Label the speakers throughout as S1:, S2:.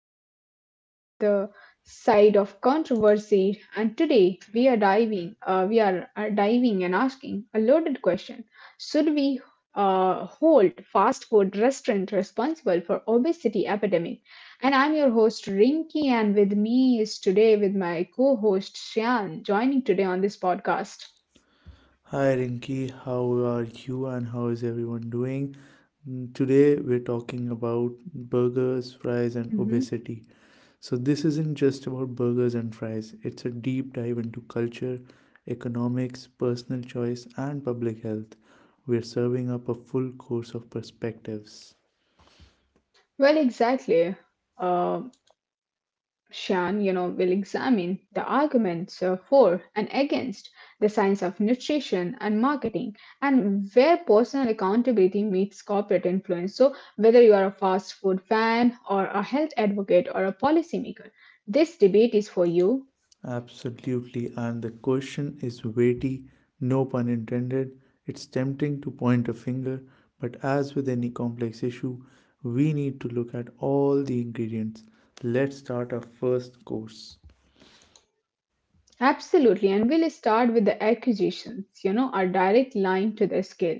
S1: conversation served with a side of controversy. And today we are diving and asking a loaded question: Should we hold fast food restaurant responsible for obesity epidemic? And I'm your host Rinky, and with me is today with my co-host Shan, joining today on this podcast.
S2: Hi Rinki, how are you and how is everyone doing? Today we're talking about burgers, fries, and
S1: Mhm.
S2: obesity. So, this isn't just about burgers and fries, it's a deep dive into culture, economics, personal choice, and public health. We're serving up a full course of perspectives.
S1: Well, exactly. Um Shan, will examine the arguments for and against the science of nutrition and marketing and where personal accountability meets corporate influence. So, whether you are a fast food fan or a health advocate or a policymaker, this debate is for you.
S2: Absolutely, and the question is weighty, no pun intended. It's tempting to point a finger, but as with any complex issue, we need to look at all the ingredients. Let's start our first course.
S1: Absolutely, and we'll start with the accusations, our direct line to the scale.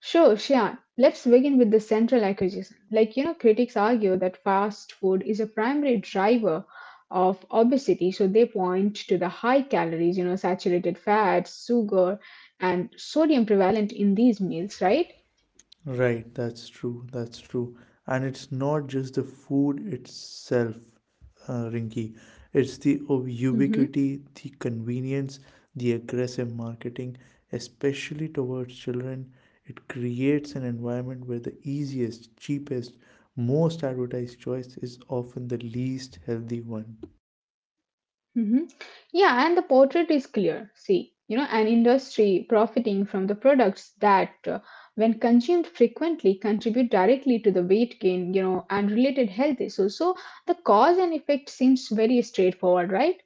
S1: Sure, Shia, let's begin with the central accusation. Like, critics argue that fast food is a primary driver of obesity, so they point to the high calories, saturated fats, sugar, and sodium prevalent in these meals, right?
S2: Right, that's true. That's true. And it's not just the food itself, Rinky. It's the ubiquity, the convenience, the aggressive marketing, especially towards children. It creates an environment where the easiest, cheapest, most advertised choice is often the least healthy one.
S1: Hmm. Yeah, and the portrait is clear. See, an industry profiting from the products that, when consumed frequently, contribute directly to the weight gain, and related health issues. So the cause and effect seems very straightforward, right?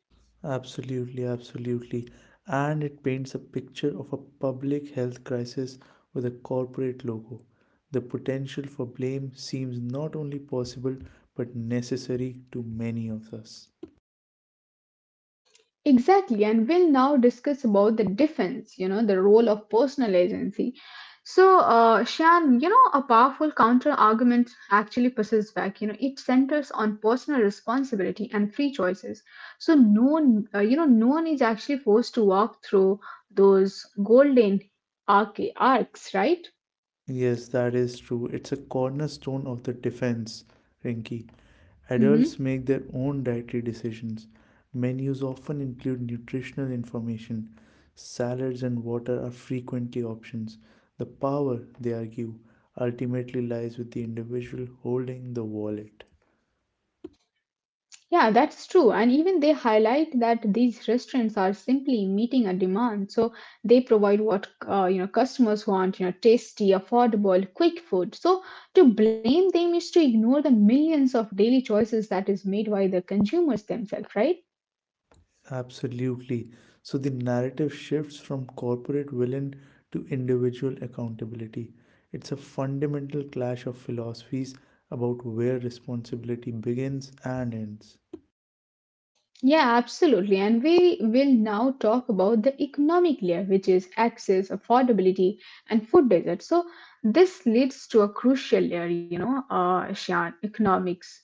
S2: Absolutely, absolutely. And it paints a picture of a public health crisis with a corporate logo. The potential for blame seems not only possible but necessary to many of us.
S1: Exactly, and we'll now discuss about the defense, the role of personal agency. So, Shan, a powerful counter argument actually pushes back. You know, it centers on personal responsibility and free choices. So, no one is actually forced to walk through those golden arcs, right?
S2: Yes, that is true. It's a cornerstone of the defense, Rinki. Adults
S1: Mm-hmm.
S2: make their own dietary decisions. Menus often include nutritional information. Salads and water are frequently options. The power, they argue, ultimately lies with the individual holding the wallet.
S1: Yeah, that's true. And even they highlight that these restaurants are simply meeting a demand. So they provide what customers want, tasty, affordable, quick food. So to blame them is to ignore the millions of daily choices that is made by the consumers themselves, right?
S2: Absolutely. So the narrative shifts from corporate villain to individual accountability. It's a fundamental clash of philosophies about where responsibility begins and ends.
S1: Yeah, absolutely. And we will now talk about the economic layer, which is access, affordability, and food desert. So this leads to a crucial layer, Shan, economics.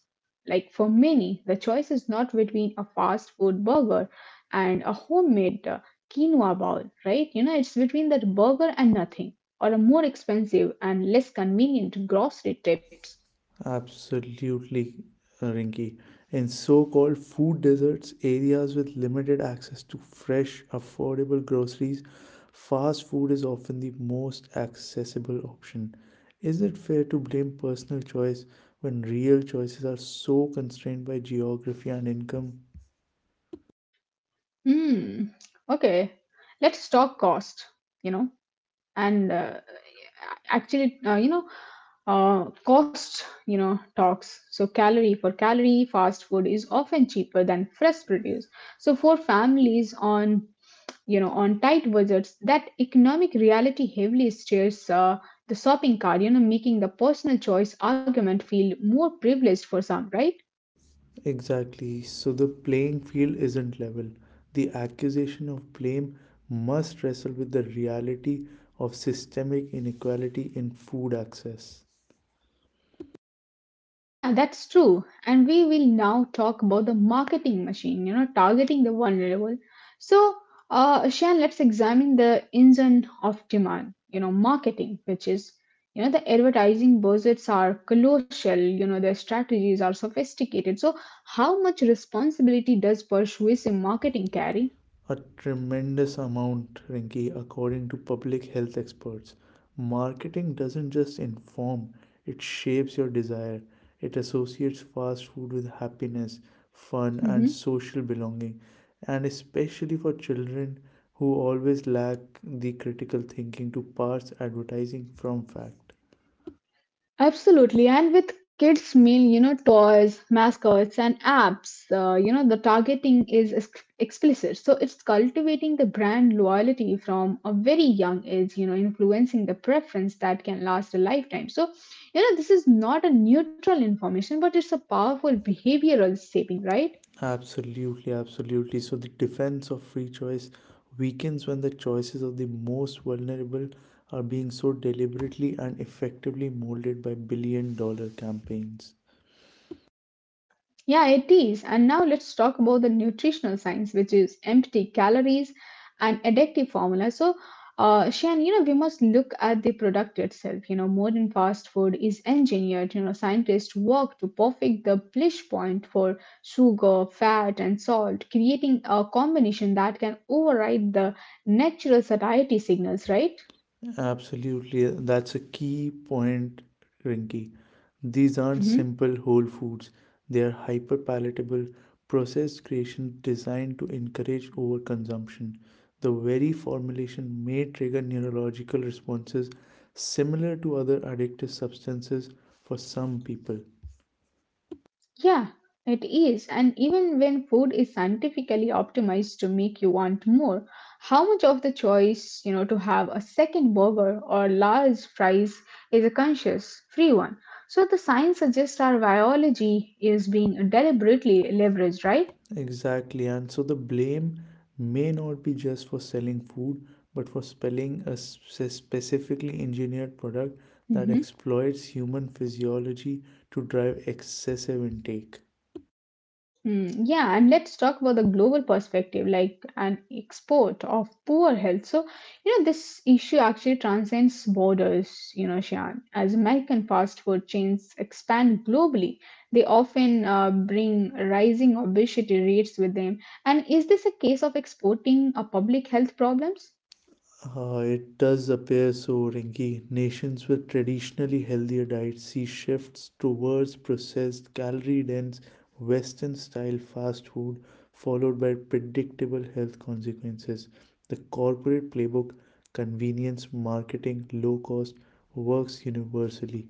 S1: Like for many, the choice is not between a fast food burger and a homemade quinoa bowl, right? You know, it's between that burger and nothing, or a more expensive and less convenient grocery tips.
S2: Absolutely, Rinky. In so called food deserts, areas with limited access to fresh, affordable groceries, fast food is often the most accessible option. Is it fair to blame personal choice when real choices are so constrained by geography and income?
S1: Hmm. Okay, let's talk cost, you know, and actually, you know cost you know talks so calorie for calorie fast food is often cheaper than fresh produce. So for families on you know on tight budgets that economic reality heavily steers the shopping cart, making the personal choice argument feel more privileged for some, right?
S2: Exactly. So the playing field isn't level. The accusation of blame must wrestle with the reality of systemic inequality in food access.
S1: Yeah, that's true. And we will now talk about the marketing machine, targeting the vulnerable. So, Shan, let's examine the engine of demand, marketing, which is, the advertising budgets are colossal, the strategies are sophisticated. So, how much responsibility does persuasive marketing carry?
S2: A tremendous amount, Rinki, according to public health experts. Marketing doesn't just inform, it shapes your desire. It associates fast food with happiness, fun, and
S1: Mm-hmm.
S2: social belonging. And especially for children who always lack the critical thinking to parse advertising from fact.
S1: Absolutely, and with kids mean toys, mascots, and apps. You know the targeting is explicit, so it's cultivating the brand loyalty from a very young age. You know, influencing the preference that can last a lifetime. So, this is not a neutral information, but it's a powerful behavioral shaping, right?
S2: Absolutely, absolutely. So the defense of free choice weakens when the choices of the most vulnerable are being so deliberately and effectively molded by billion dollar campaigns.
S1: Yeah, it is. And now let's talk about the nutritional science, which is empty calories and addictive formula. So, Shan, we must look at the product itself. You know, modern fast food is engineered. You know, scientists work to perfect the bliss point for sugar, fat, and salt, creating a combination that can override the natural satiety signals, right?
S2: Absolutely, that's a key point, Rinky. These aren't
S1: Mhm.
S2: simple whole foods, they are hyper palatable, processed creations designed to encourage overconsumption. The very formulation may trigger neurological responses similar to other addictive substances for some people,
S1: Yeah, it is. And even when food is scientifically optimized to make you want more, how much of the choice, to have a second burger or large fries is a conscious, free one? So the science suggests our biology is being deliberately leveraged, right?
S2: Exactly, and so the blame may not be just for selling food, but for selling a specifically engineered product that
S1: Mhm.
S2: exploits human physiology to drive excessive intake.
S1: Mm, yeah, and let's talk about the global perspective, like an export of poor health. So, this issue actually transcends borders, Shian. As American fast food chains expand globally, they often bring rising obesity rates with them. And is this a case of exporting a public health problems?
S2: It does appear so, Rinki. Nations with traditionally healthier diets see shifts towards processed, calorie dense, Western style fast food, followed by predictable health consequences. The corporate playbook, convenience marketing, low cost, works universally.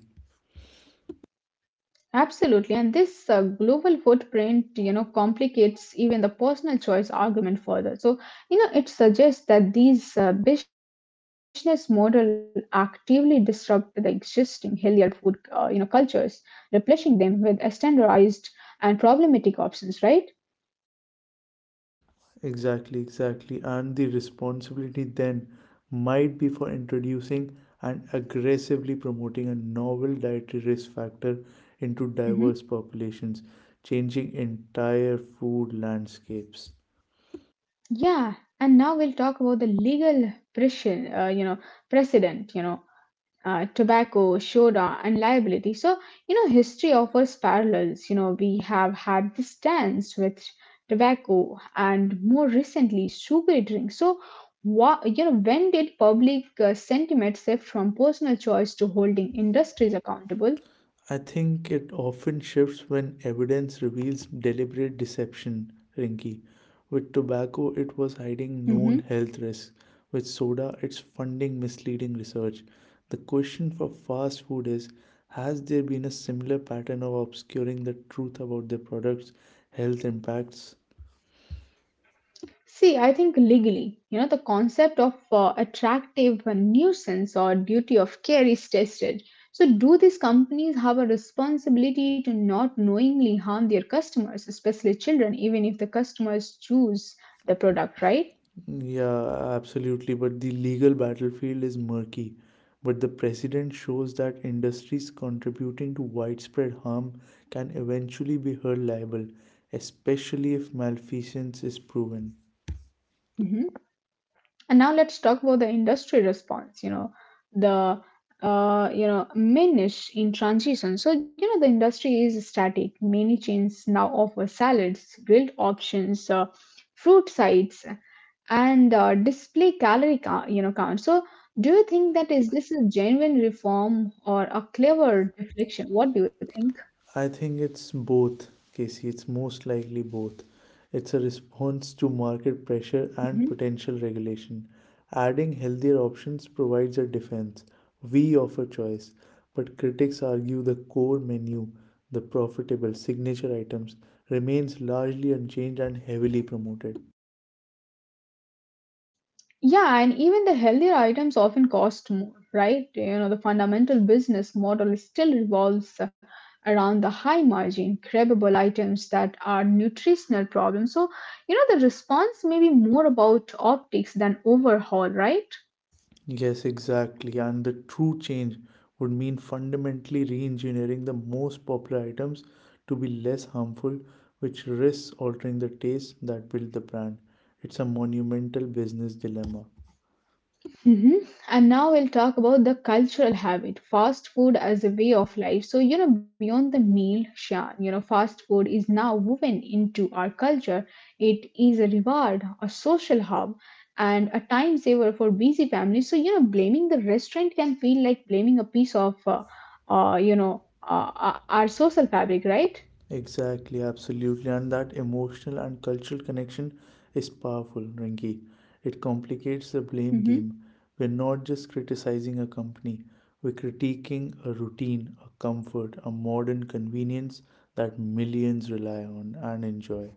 S1: Absolutely, and this global footprint, complicates even the personal choice argument further. So, it suggests that these business model actively disrupt the existing healthier food, cultures, replacing them with standardized and problematic options, right?
S2: Exactly, exactly. And the responsibility then might be for introducing and aggressively promoting a novel dietary risk factor into
S1: Hmm.
S2: diverse populations, changing entire food landscapes.
S1: Yeah, and now we'll talk about the legal pressure, precedent, tobacco, soda, and liability. So, history offers parallels. You know, we have had this dance with tobacco and more recently sugary drinks. So, what, when did public sentiment shift from personal choice to holding industries accountable?
S2: I think it often shifts when evidence reveals deliberate deception, Rinky. With tobacco, it was hiding
S1: Mm-hmm.
S2: known health risks. With soda, it's funding misleading research. The question for fast food is: has there been a similar pattern of obscuring the truth about their products' health impacts?
S1: See, I think legally, the concept of attractive nuisance or duty of care is tested. So, do these companies have a responsibility to not knowingly harm their customers, especially children, even if the customers choose the product, right?
S2: Yeah, absolutely. But the legal battlefield is murky. But the precedent shows that industries contributing to widespread harm can eventually be held liable, especially if malfeasance is proven.
S1: Mhm. And now let's talk about the industry response, the minish in transition. So, the industry is static. Many chains now offer salads, grilled options, fruit sides, and display calorie count. So, do you think that, is this a genuine reform or a clever deflection? What do you think?
S2: I think it's both, Casey. It's most likely both. It's a response to market pressure and potential regulation. Adding healthier options provides a defense. We offer choice, but critics argue the core menu, the profitable signature items, remains largely unchanged and heavily promoted.
S1: Yeah, and even the healthier items often cost more, right? You know, the fundamental business model still revolves around the high margin, craveable items that are nutritional problems. So, the response may be more about optics than overhaul, right?
S2: Yes, exactly. And the true change would mean fundamentally re engineering the most popular items to be less harmful, which risks altering the taste that built the brand. It's a monumental business dilemma.
S1: Hmm. And now we'll talk about the cultural habit, fast food as a way of life. So, beyond the meal, Shan, fast food is now woven into our culture. It is a reward, a social hub, and a time saver for busy families. So, blaming the restaurant can feel like blaming a piece of, uh, you know, uh, our social fabric, right?
S2: Exactly, absolutely. And that emotional and cultural connection is powerful, Rinki. It complicates the blame
S1: Hmm.
S2: game. We're not just criticizing a company, we're critiquing a routine, a comfort, a modern convenience that millions rely on and enjoy.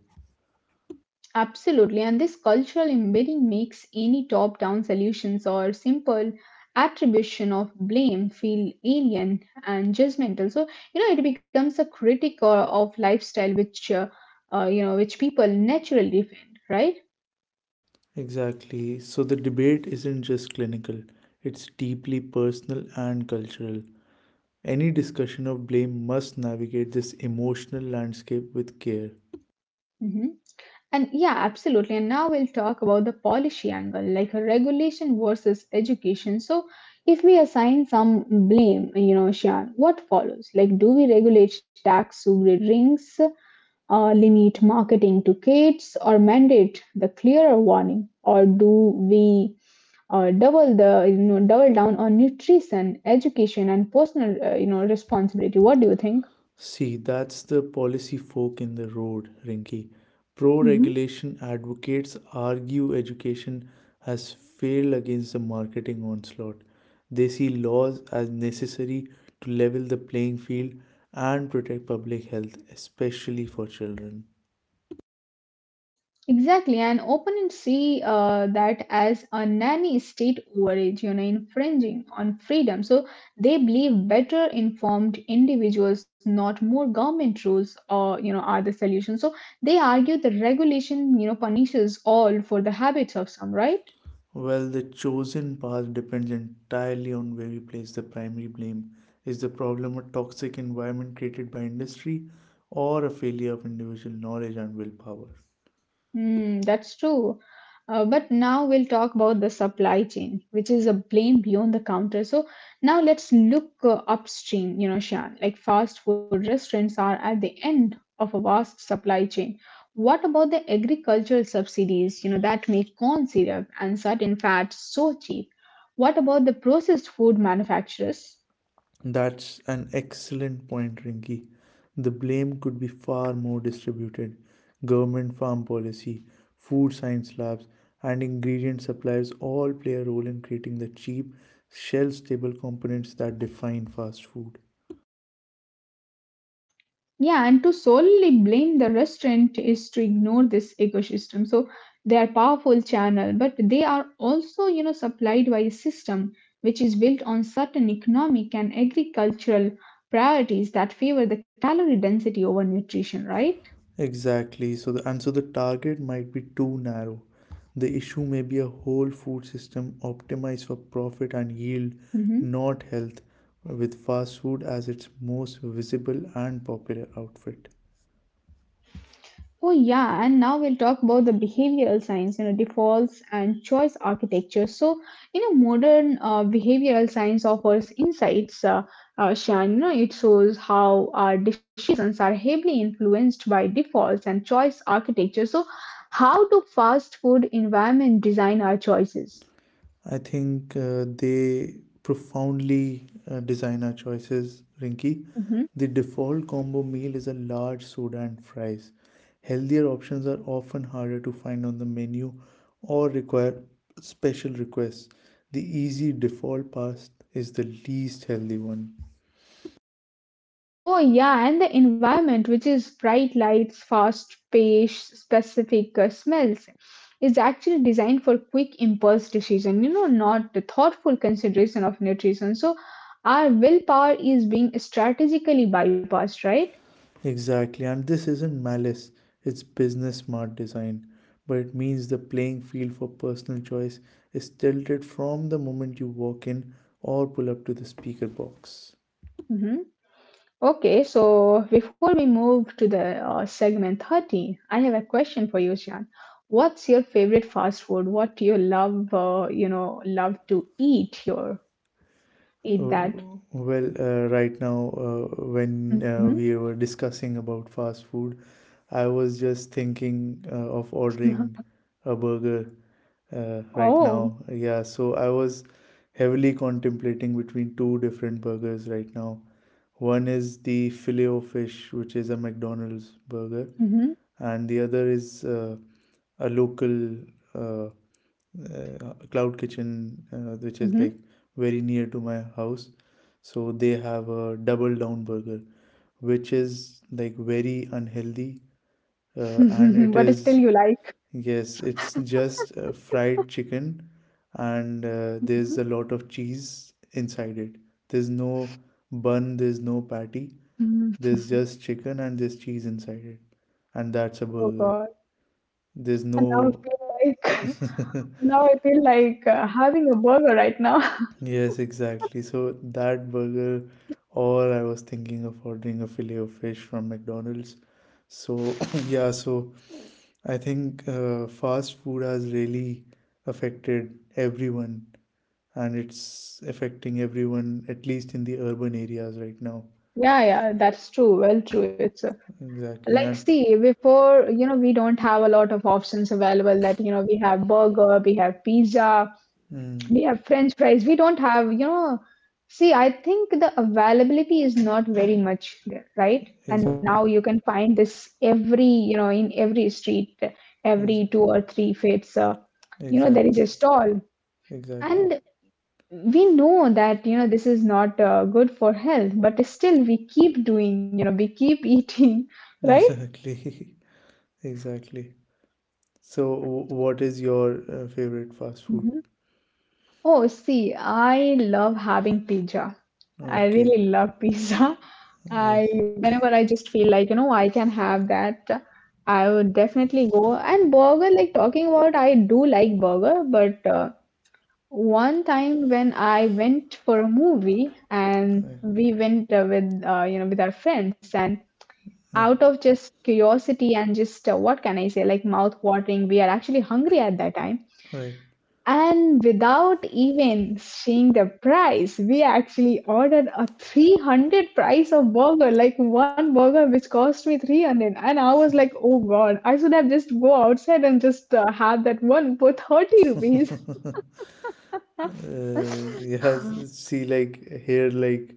S1: Absolutely, and this cultural embedding makes any top down solutions or simple attribution of blame feel alien and judgmental. So, it becomes a critic or of lifestyle which people naturally defend, right?
S2: Exactly. So the debate isn't just clinical, it's deeply personal and cultural. Any discussion of blame must navigate this emotional landscape with care.
S1: Hmm. And yeah, absolutely. And now we'll talk about the policy angle, like a regulation versus education. So, if we assign some blame, Shan, what follows? Like, do we regulate tax to drinks? Limit marketing to kids or mandate the clearer warning, or do we double the you know double down on nutrition education and personal responsibility? What do you think?
S2: See, that's the policy fork in the road, Rinki. Pro
S1: Mhm.
S2: regulation advocates argue education has failed against the marketing onslaught. They see laws as necessary to level the playing field and protect public health, especially for children.
S1: Exactly, and often see that as a nanny state overreach, infringing on freedom. So they believe better informed individuals, not more government rules, or are the solution. So they argue the regulation, punishes all for the habits of some, right?
S2: Well, the chosen path depends entirely on where we place the primary blame. Is the problem a toxic environment created by industry or a failure of individual knowledge and willpower?
S1: Hmm, that's true. But now we'll talk about the supply chain, which is a plane beyond the counter. So now let's look upstream, Shan. Like fast food restaurants are at the end of a vast supply chain. What about the agricultural subsidies, that make corn syrup and certain fats so cheap? What about the processed food manufacturers?
S2: That's an excellent point, Rinky. The blame could be far more distributed. Government farm policy, food science labs, and ingredient suppliers all play a role in creating the cheap, shelf stable components that define fast food.
S1: Yeah, and to solely blame the restaurant is to ignore this ecosystem. So they are powerful channel, but they are also, supplied by a system which is built on certain economic and agricultural priorities that favor the calorie density over nutrition, right?
S2: Exactly. So the target might be too narrow. The issue may be a whole food system optimized for profit and yield,
S1: Mhm.
S2: not health, with fast food as its most visible and popular outfit.
S1: Oh, yeah, and now we'll talk about the behavioral science, defaults and choice architecture. So, modern behavioral science offers insights, Shan. You know, it shows how our decisions are heavily influenced by defaults and choice architecture. So, how do fast food environment design our choices?
S2: I think they profoundly design our choices, Rinky.
S1: Mm-hmm.
S2: The default combo meal is a large soda and fries. Healthier options are often harder to find on the menu or require special requests. The easy default pass is the least healthy one.
S1: Oh yeah, and the environment, which is bright lights, fast pace, specific smells, is actually designed for quick impulse decision. You know, not the thoughtful consideration of nutrition. So, our willpower is being strategically bypassed, right?
S2: Exactly, and this isn't malice, it's business smart design. But it means the playing field for personal choice is tilted from the moment you walk in or pull up to the speaker box.
S1: Hmm. Okay, so before we move to the segment 30, I have a question for you, Shan. What's your favorite fast food? What do you love? Love to eat. Your eat
S2: Uh,
S1: that.
S2: Well, right now, when
S1: Hmm.
S2: we were discussing about fast food, I was just thinking of ordering a burger right
S1: Oh.
S2: now. Yeah, so I was heavily contemplating between two different burgers right now. One is the Filet-O-Fish, which is a McDonald's burger,
S1: Mm-hmm.
S2: and the other is a local uh, cloud kitchen which is like very near to my house, so they have a double down burger which is like very unhealthy, and it
S1: Mm-hmm. But still
S2: is.
S1: you like.
S2: Yes, it's just fried chicken, and
S1: Mhm,
S2: there's a lot of cheese inside it. There's no bun, there's no patty,
S1: mhm.
S2: there's just chicken and there's cheese inside it, and that's a
S1: Oh
S2: burger.
S1: God.
S2: There's
S1: And now I
S2: no
S1: feel like now I feel like having a burger right now.
S2: Yes, exactly. So that burger, or I was thinking of ordering a fillet of fish from McDonald's. So yeah, so I think fast food has really affected everyone, and it's affecting everyone at least in the urban areas right now.
S1: Yeah, yeah, that's true. Well, true. It's
S2: Exactly,
S1: Like,
S2: and
S1: see, before, we don't have a lot of options available we have burger, we have pizza,
S2: mm,
S1: yeah, French fries. We don't have. See, I think the availability is not very much there, right? And now
S2: exactly,
S1: you can find this in every street,
S2: ex-
S1: every two or three fits, there is
S2: exactly,
S1: a stall.
S2: exactly,
S1: And we know that, this is not good for health, but still we keep doing, we keep eating, right?
S2: exactly, exactly. So, what is your favorite fast food?
S1: Mhm. Oh, see, I love having pizza. I
S2: Okay.
S1: really love pizza.
S2: Yeah.
S1: I whenever I just feel like I can have that, I would definitely go. And burger, like talking about, I do like burger, but one time when I went for a movie and we went with with our friends and
S2: Hi,
S1: out of just curiosity and just what can I say, like mouth watering, we are actually hungry at that time
S2: hi.
S1: and without even seeing the price, we actually ordered a 300 price of burger, like one burger which cost me 300. And I was like, oh God, I should have just go outside and just have that one for 30 rupees.
S2: Yeah, see, like here, like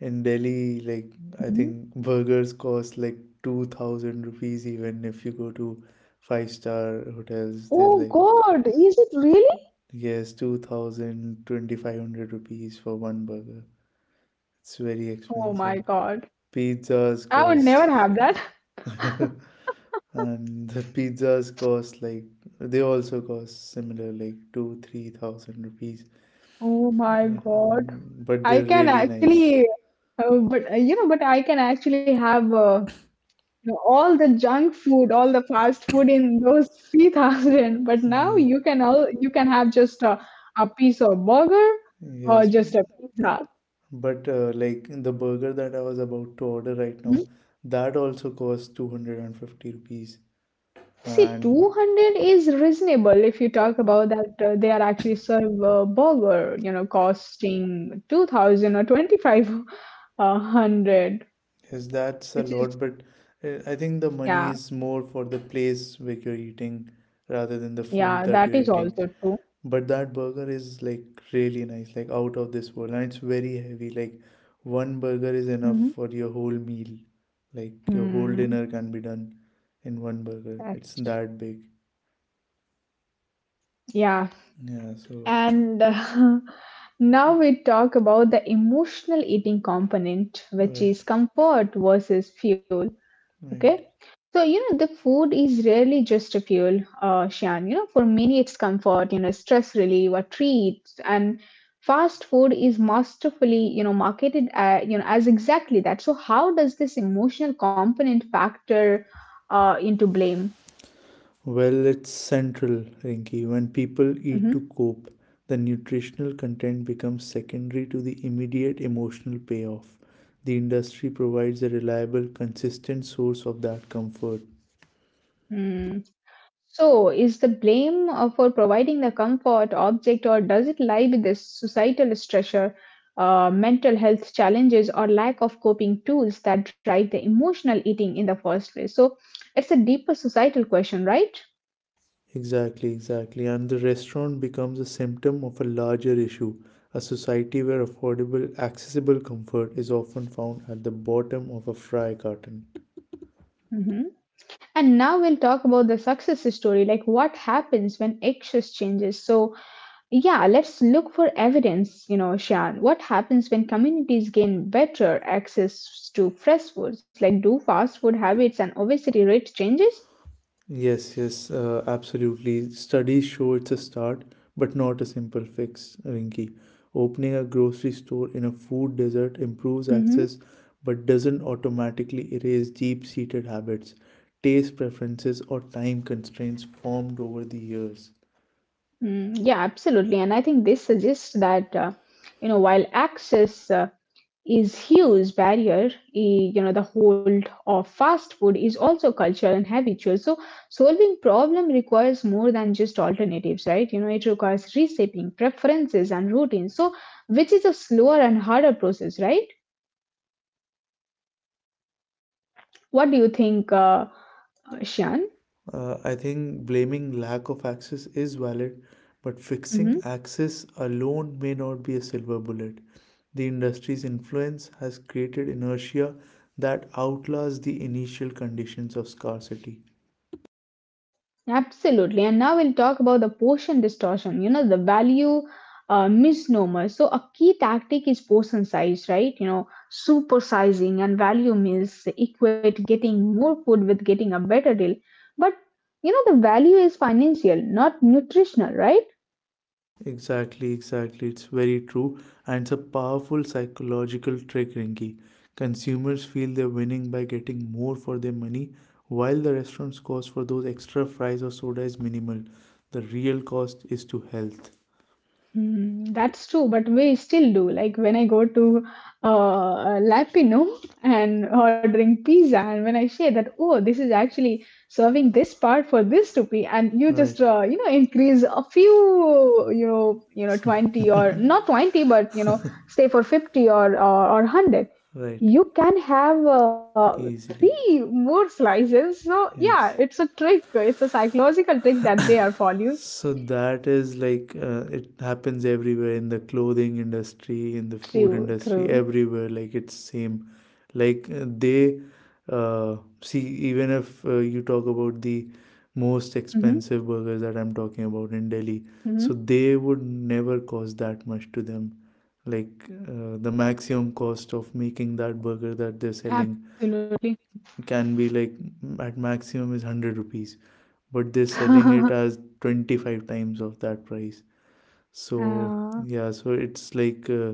S2: in Delhi, like I
S1: Mhm.
S2: think burgers cost like 2000 rupees, even if you go to five star hotels, they're
S1: Oh
S2: like,
S1: God, is it really?
S2: yes, 2000 2500 rupees for one burger. It's very
S1: Oh
S2: expensive.
S1: my God,
S2: Pizzas
S1: I would
S2: cost,
S1: never have that.
S2: and the pizzas cost like they also cost similar, like two, 3,000 rupees.
S1: Oh my God,
S2: Um, but
S1: I
S2: they're
S1: can
S2: really nice.
S1: actually, but I can actually have. All the junk food, all the fast food in those 3000. But now
S2: Yeah,
S1: you can all you can have just a piece of burger or
S2: yes,
S1: just a pizza.
S2: but like the burger that I was about to order right
S1: Mhm.
S2: now, that also costs 250 rupees.
S1: See,
S2: And
S1: 200 is reasonable if you talk about that they are actually serve a burger, you know, costing 2000 or 2500,
S2: yes, that's
S1: which
S2: a
S1: is
S2: lot, but I think the
S1: yeah,
S2: money is more for the place where you're eating rather than the food
S1: yeah,
S2: that
S1: that
S2: you're
S1: is
S2: eating.
S1: also true.
S2: But that burger is like really nice, like out of this world, and it's very heavy. Like one burger is enough
S1: Mhm.
S2: for your whole meal. Like your whole
S1: Hmm,
S2: dinner can be done in one burger. It's
S1: that's
S2: that big.
S1: yeah.
S2: Yeah, so
S1: And now we talk about the emotional eating component, which
S2: right,
S1: is comfort versus fuel. Okay.
S2: right.
S1: So, you know, the food is rarely just a fuel, Shan. You know, for many it's comfort, you know, stress relief or treats. And fast food is masterfully, you know, marketed, as exactly that. So, how does this emotional component factor into blame?
S2: Well, it's central, Rinky. When people
S1: Mm-hmm.
S2: eat to cope, the nutritional content becomes secondary to the immediate emotional payoff. The industry provides a reliable, consistent source of that comfort.
S1: Hmm. So, is the blame for providing the comfort object, or does it lie with the societal stressor, mental health challenges, or lack of coping tools that drive the emotional eating in the first place? So, it's a deeper societal question, right?
S2: Exactly, exactly. And the restaurant becomes a symptom of a larger issue, a society where affordable, accessible comfort is often found at the bottom of a fry carton.
S1: Mhm. And now we'll talk about the success story, like what happens when access changes. So, yeah, let's look for evidence, you know, Shan. What happens when communities gain better access to fresh foods? Like, do fast food habits and obesity rate changes?
S2: Yes, yes, absolutely. Studies show it's a start, but not a simple fix, Rinki. Opening a grocery store in a food desert improves
S1: Mm-hmm.
S2: access, but doesn't automatically erase deep seated habits, taste preferences, or time constraints formed over the years.
S1: Mm, yeah, absolutely. And I think this suggests that, while access is huge barrier, eh, you know, the hold of fast food is also cultural and habitual, so solving problem requires more than just alternatives, right? You know, it requires reshaping preferences and routines, so which is a slower and harder process, right? What do you think, Shan?
S2: I think blaming lack of access is valid, but fixing access alone may not be a silver bullet. The industry's influence has created inertia that outlasts the initial conditions of scarcity.
S1: Absolutely. And now we'll talk about the portion distortion, you know, the value misnomer. So, a key tactic is portion size, right? You know, supersizing and value meals equate getting more food with getting a better deal. But, you know, the value is financial, not nutritional, right?
S2: Exactly, exactly. It's very true. And it's a powerful psychological trick, Rinki. Consumers feel they're winning by getting more for their money, while the restaurant's cost for those extra fries or soda is minimal. The real cost is to health.
S1: Mm, that's true, but we still do. Like when I go to Lapino and ordering pizza, and when I share that, oh, this is actually serving this part for this rupee, and you
S2: Right.
S1: just increase a few, 20 or not 20, but you know, say for 50 or or 100,
S2: Right,
S1: you can have
S2: easily.
S1: three more slices. So yeah,
S2: Yes.
S1: it's a trick. It's a psychological trick that they are following.
S2: So that is like, it happens everywhere in the clothing industry, in the food
S1: True,
S2: industry,
S1: true.
S2: everywhere. Like it's same. Like they, see, even if you talk about the most
S1: Mm-hmm,
S2: expensive burgers that I'm talking about in Delhi,
S1: mm-hmm.
S2: so they would never cost that much to them. Like the maximum cost of making that burger that they're selling
S1: Absolutely.
S2: can be like at maximum is 100 rupees, but they're selling it as 25 times of that price. So,
S1: Uh,
S2: yeah, so it's like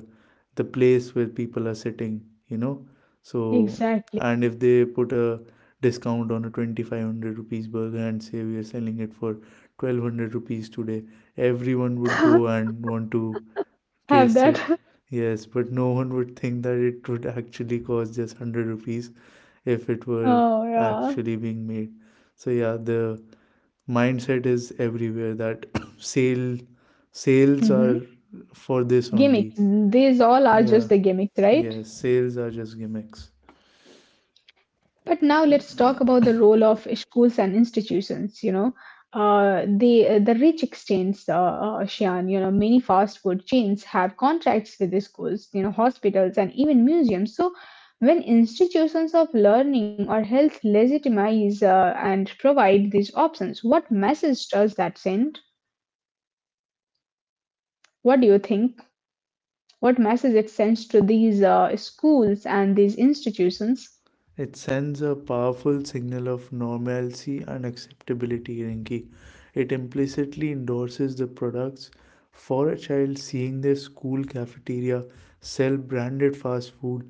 S2: the place where people are sitting, you know. So,
S1: exactly.
S2: and if they put a discount on a 2,500 rupees burger and say we are selling it for 1,200 rupees today, everyone would go and want to
S1: Have
S2: taste it.
S1: that.
S2: Yes, but no one would think that it would actually cost just 100 rupees if it
S1: Oh,
S2: were
S1: yeah.
S2: actually being made. So, yeah, the mindset is everywhere that sale sales
S1: Hmm.
S2: are for this
S1: Gimmicks.
S2: only.
S1: These all are
S2: Yeah.
S1: just the gimmicks, right?
S2: Yes, sales are just gimmicks.
S1: But now let's talk about the role of schools and institutions, you know. The rich exchange, Shian, you know, many fast food chains have contracts with the schools, you know, hospitals, and even museums. So when institutions of learning or health legitimize and provide these options, what message does that send? What do you think? What message it sends to these schools and these institutions?
S2: It sends a powerful signal of normalcy and acceptability, Rinky. It implicitly endorses the products. For a child, seeing their school cafeteria sell branded fast food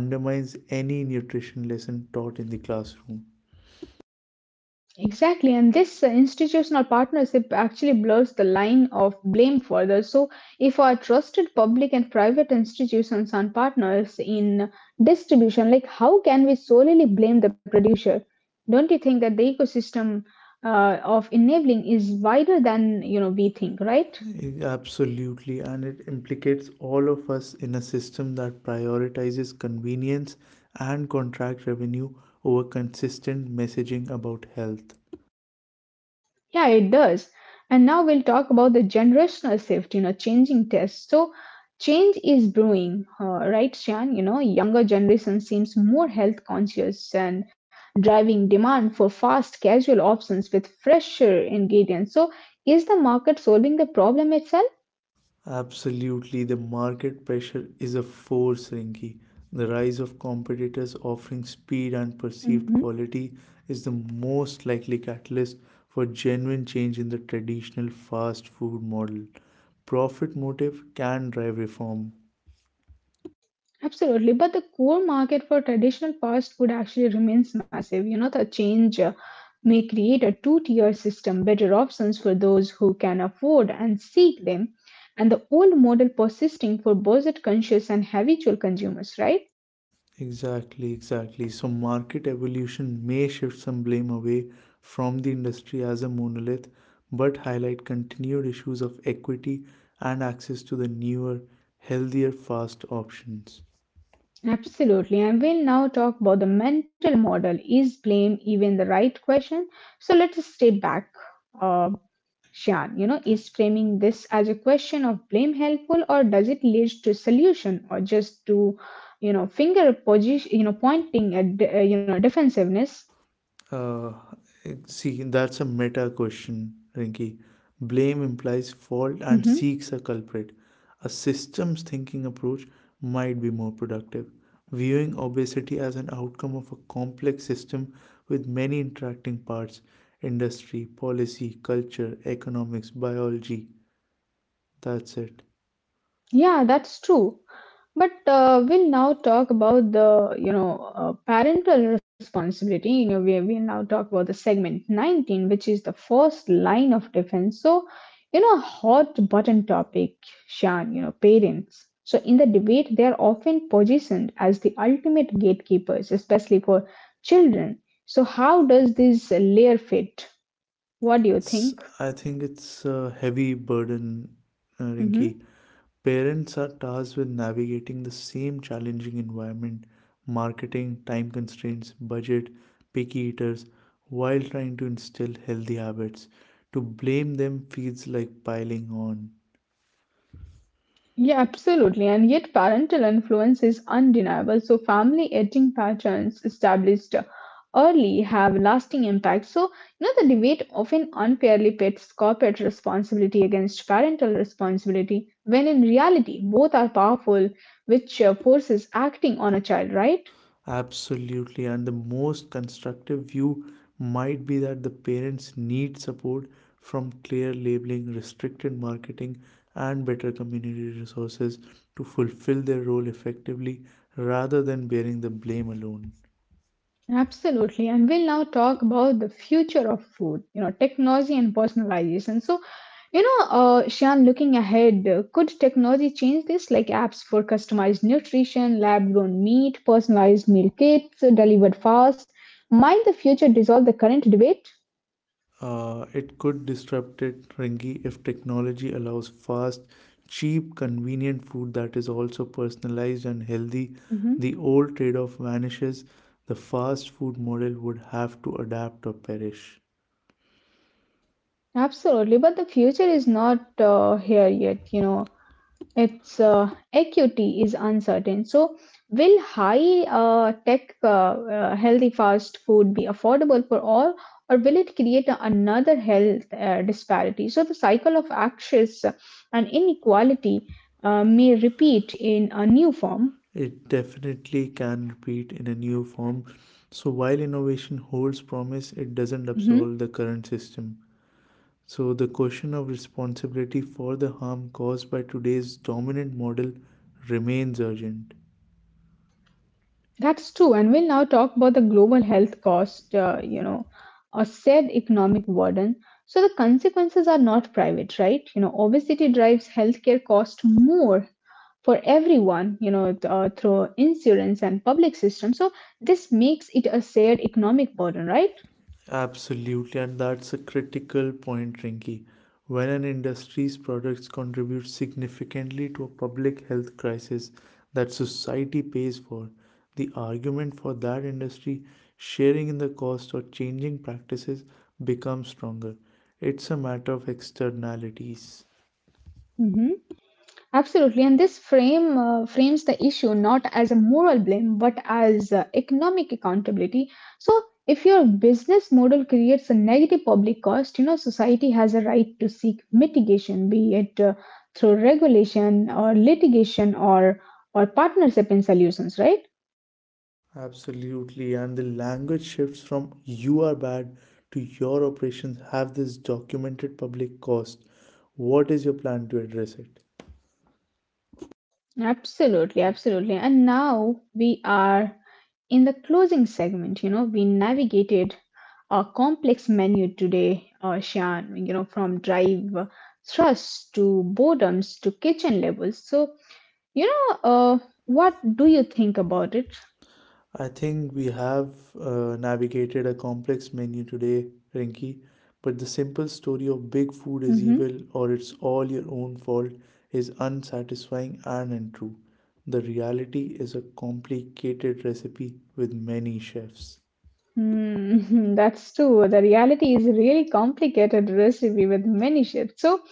S2: undermines any nutrition lesson taught in the classroom.
S1: Exactly, and this institutional partnership actually blurs the line of blame further. So, if our trusted public and private institutions are partners in distribution, like how can we solely blame the producer? Don't you think that the ecosystem of enabling is wider than you know we think, right?
S2: Absolutely, and it implicates all of us in a system that prioritizes convenience and contract revenue over consistent messaging about health.
S1: Yeah, it does. And now we'll talk about the generational shift, you know, changing tests. So, change is brewing, right, Shan? You know, younger generation seems more health conscious and driving demand for fast, casual options with fresher ingredients. So, is the market solving the problem itself?
S2: Absolutely, the market pressure is a force, Rinki. The rise of competitors offering speed and perceived
S1: Mm-hmm.
S2: quality is the most likely catalyst for genuine change in the traditional fast food model. Profit motive can drive reform.
S1: Absolutely, but the core market for traditional fast food actually remains massive. You know, the change may create a two tier system, better options for those who can afford and seek them, and the old model persisting for budget conscious and habitual consumers, right?
S2: Exactly, exactly. So, market evolution may shift some blame away from the industry as a monolith, but highlight continued issues of equity and access to the newer, healthier, fast options.
S1: Absolutely, and we'll now talk about the mental model. Is blame even the right question? So let us step back. uh, Shan, you know, is framing this as a question of blame helpful, or does it lead to solution or just to, you know, finger position, you know, pointing at, defensiveness?
S2: Uh, see, that's a meta question, Rinky. Blame implies fault and
S1: Mm-hmm.
S2: seeks a culprit. A systems thinking approach might be more productive. Viewing obesity as an outcome of a complex system with many interacting parts: industry, policy, culture, economics, biology. That's it.
S1: Yeah, that's true. But we'll now talk about the, parental responsibility. You know, we'll now talk about the segment 19, which is the first line of defense. So, you know, a hot button topic, Shan, you know, parents. So in the debate, they are often positioned as the ultimate gatekeepers, especially for children. So how does this layer fit?
S2: I
S1: What
S2: think
S1: do you
S2: it's,
S1: think?
S2: I think it's a heavy burden, Rinky.
S1: Mm-hmm.
S2: Parents are tasked with navigating the same challenging environment: marketing, time constraints, budget, picky eaters, while trying to instill healthy habits. To blame them feels like piling on.
S1: Yeah, absolutely. And yet, parental influence is undeniable. So, family eating patterns established early have lasting impact. So, you know, the debate often unfairly pits corporate responsibility against parental responsibility, when in reality, both are powerful, which forces acting on a child, right?
S2: Absolutely, and the most constructive view might be that the parents need support from clear labeling, restricted marketing, and better community resources to fulfill their role effectively rather than bearing the blame alone.
S1: Absolutely. And we'll now talk about the future of food, you know, technology and personalization. So, Shan, looking ahead, could technology change this? Like apps for customized nutrition, lab grown meat, personalized meal kits, delivered fast. Might the future dissolve the current debate?
S2: It could disrupt it, Ringy, if technology allows fast, cheap, convenient food that is also personalized and healthy.
S1: Hmm.
S2: The old trade off vanishes. The fast food model would have to adapt or perish.
S1: Absolutely, but the future is not here yet. You know, its equity is uncertain. So, will high tech healthy fast food be affordable for all, or will it create a- another health disparity? So, the cycle of access and inequality may repeat in a new form.
S2: It definitely can repeat in a new form. So, while innovation holds promise, it doesn't
S1: Mhm.
S2: absolve the current system. So, the question of responsibility for the harm caused by today's dominant model remains urgent.
S1: That's true. And we'll now talk about the global health cost, you know, or said economic burden. So the consequences are not private, right? You know, obesity drives healthcare cost more for everyone, you know, through insurance and public system. So this makes it a shared economic burden, right?
S2: Absolutely, and that's a critical point, Rinky. When an industry's products contribute significantly to a public health crisis that society pays for, the argument for that industry sharing in the cost or changing practices becomes stronger. It's a matter of externalities.
S1: Hmm. Absolutely, and this frames the issue not as a moral blame but as economic accountability. If your business model creates a negative public cost, you know, society has a right to seek mitigation, be it through regulation or litigation or partnership in solutions, right?
S2: Absolutely, and the language shifts from "you are bad" to "your operations have this documented public cost. What is your plan to address it?"
S1: Absolutely, absolutely. And now we are in the closing segment. You know, we navigated a complex menu today, Shan, you know, from drive thrusts to boredoms to kitchen levels. So, you know, uh, what do you think about it?
S2: I think we have navigated a complex menu today, Rinky, but the simple story of big food is
S1: Hmm.
S2: evil or it's all your own fault is unsatisfying and untrue. The reality is a complicated recipe with many chefs.
S1: Hmm, that's true. The reality is a really complicated recipe with many shifts. So,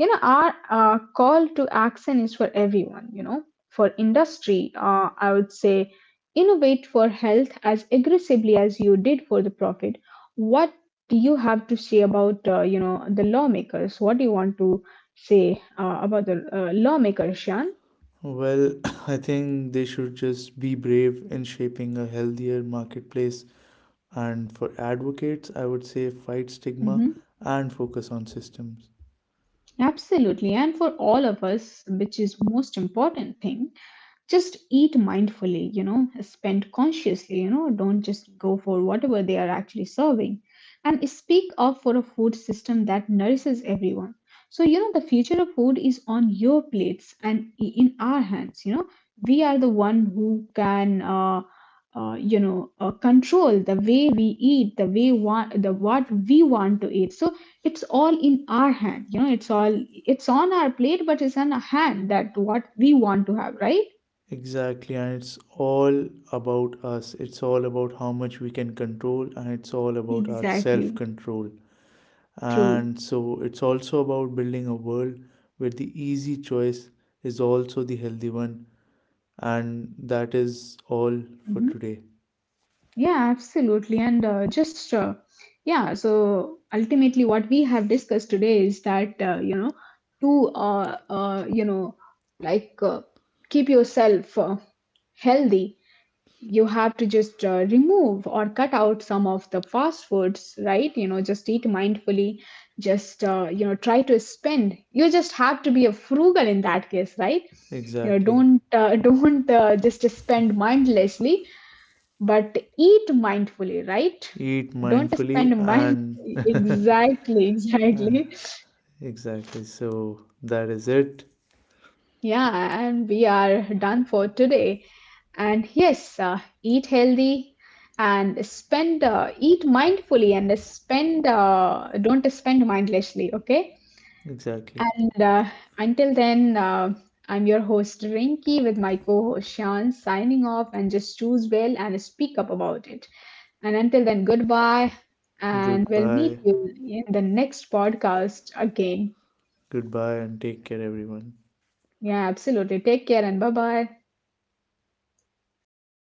S1: you know, our call to action is for everyone, you know. For industry, I would say innovate for health as aggressively as you did for the profit. What do you have to say about, you know, the lawmakers? What do you want to say about the lawmakers, Shan?
S2: Well, I think they should just be brave in shaping a healthier marketplace. And for advocates, I would say fight stigma
S1: Hmm.
S2: and focus on systems.
S1: Absolutely, and for all of us, which is most important thing, just eat mindfully, you know, spend consciously, you know, don't just go for whatever they are actually serving, and speak up for a food system that nourishes everyone. So, you know, the future of food is on your plates and in our hands, you know. We are the one who can control the way we eat, the way want, the what we want to eat. So it's all in our hand, you know, it's on our plate, but it's on a hand that what we want to have, right?
S2: Exactly, and it's all about us. It's all about how much we can control, and it's all about our self
S1: Exactly.
S2: control.
S1: True.
S2: And so, it's also about building a world where the easy choice is also the healthy one. And that is all for
S1: Mhm.
S2: today.
S1: Yeah, absolutely. And just, yeah, so ultimately, what we have discussed today is that, to, like keep yourself healthy, you have to just remove or cut out some of the fast foods, right? You know, just eat mindfully, just, you know, try to spend. You just have to be a frugal in that case, right? You know,
S2: Exactly.
S1: don't, don't just spend mindlessly but eat mindfully, right?
S2: Eat
S1: Don't
S2: mindfully,
S1: spend months.
S2: and
S1: Exactly, exactly.
S2: exactly. So, that is it.
S1: Yeah, and we are done for today. And yes, eat healthy and spend, eat mindfully and spend, don't spend mindlessly, okay?
S2: Exactly.
S1: And until then, I'm your host Rinki with my co-host Sean, signing off, and just choose well and speak up about it. And until then, goodbye. And we'll meet
S2: Goodbye.
S1: you in the next podcast again.
S2: Goodbye, and take care, everyone.
S1: Yeah, absolutely. Take care and bye bye.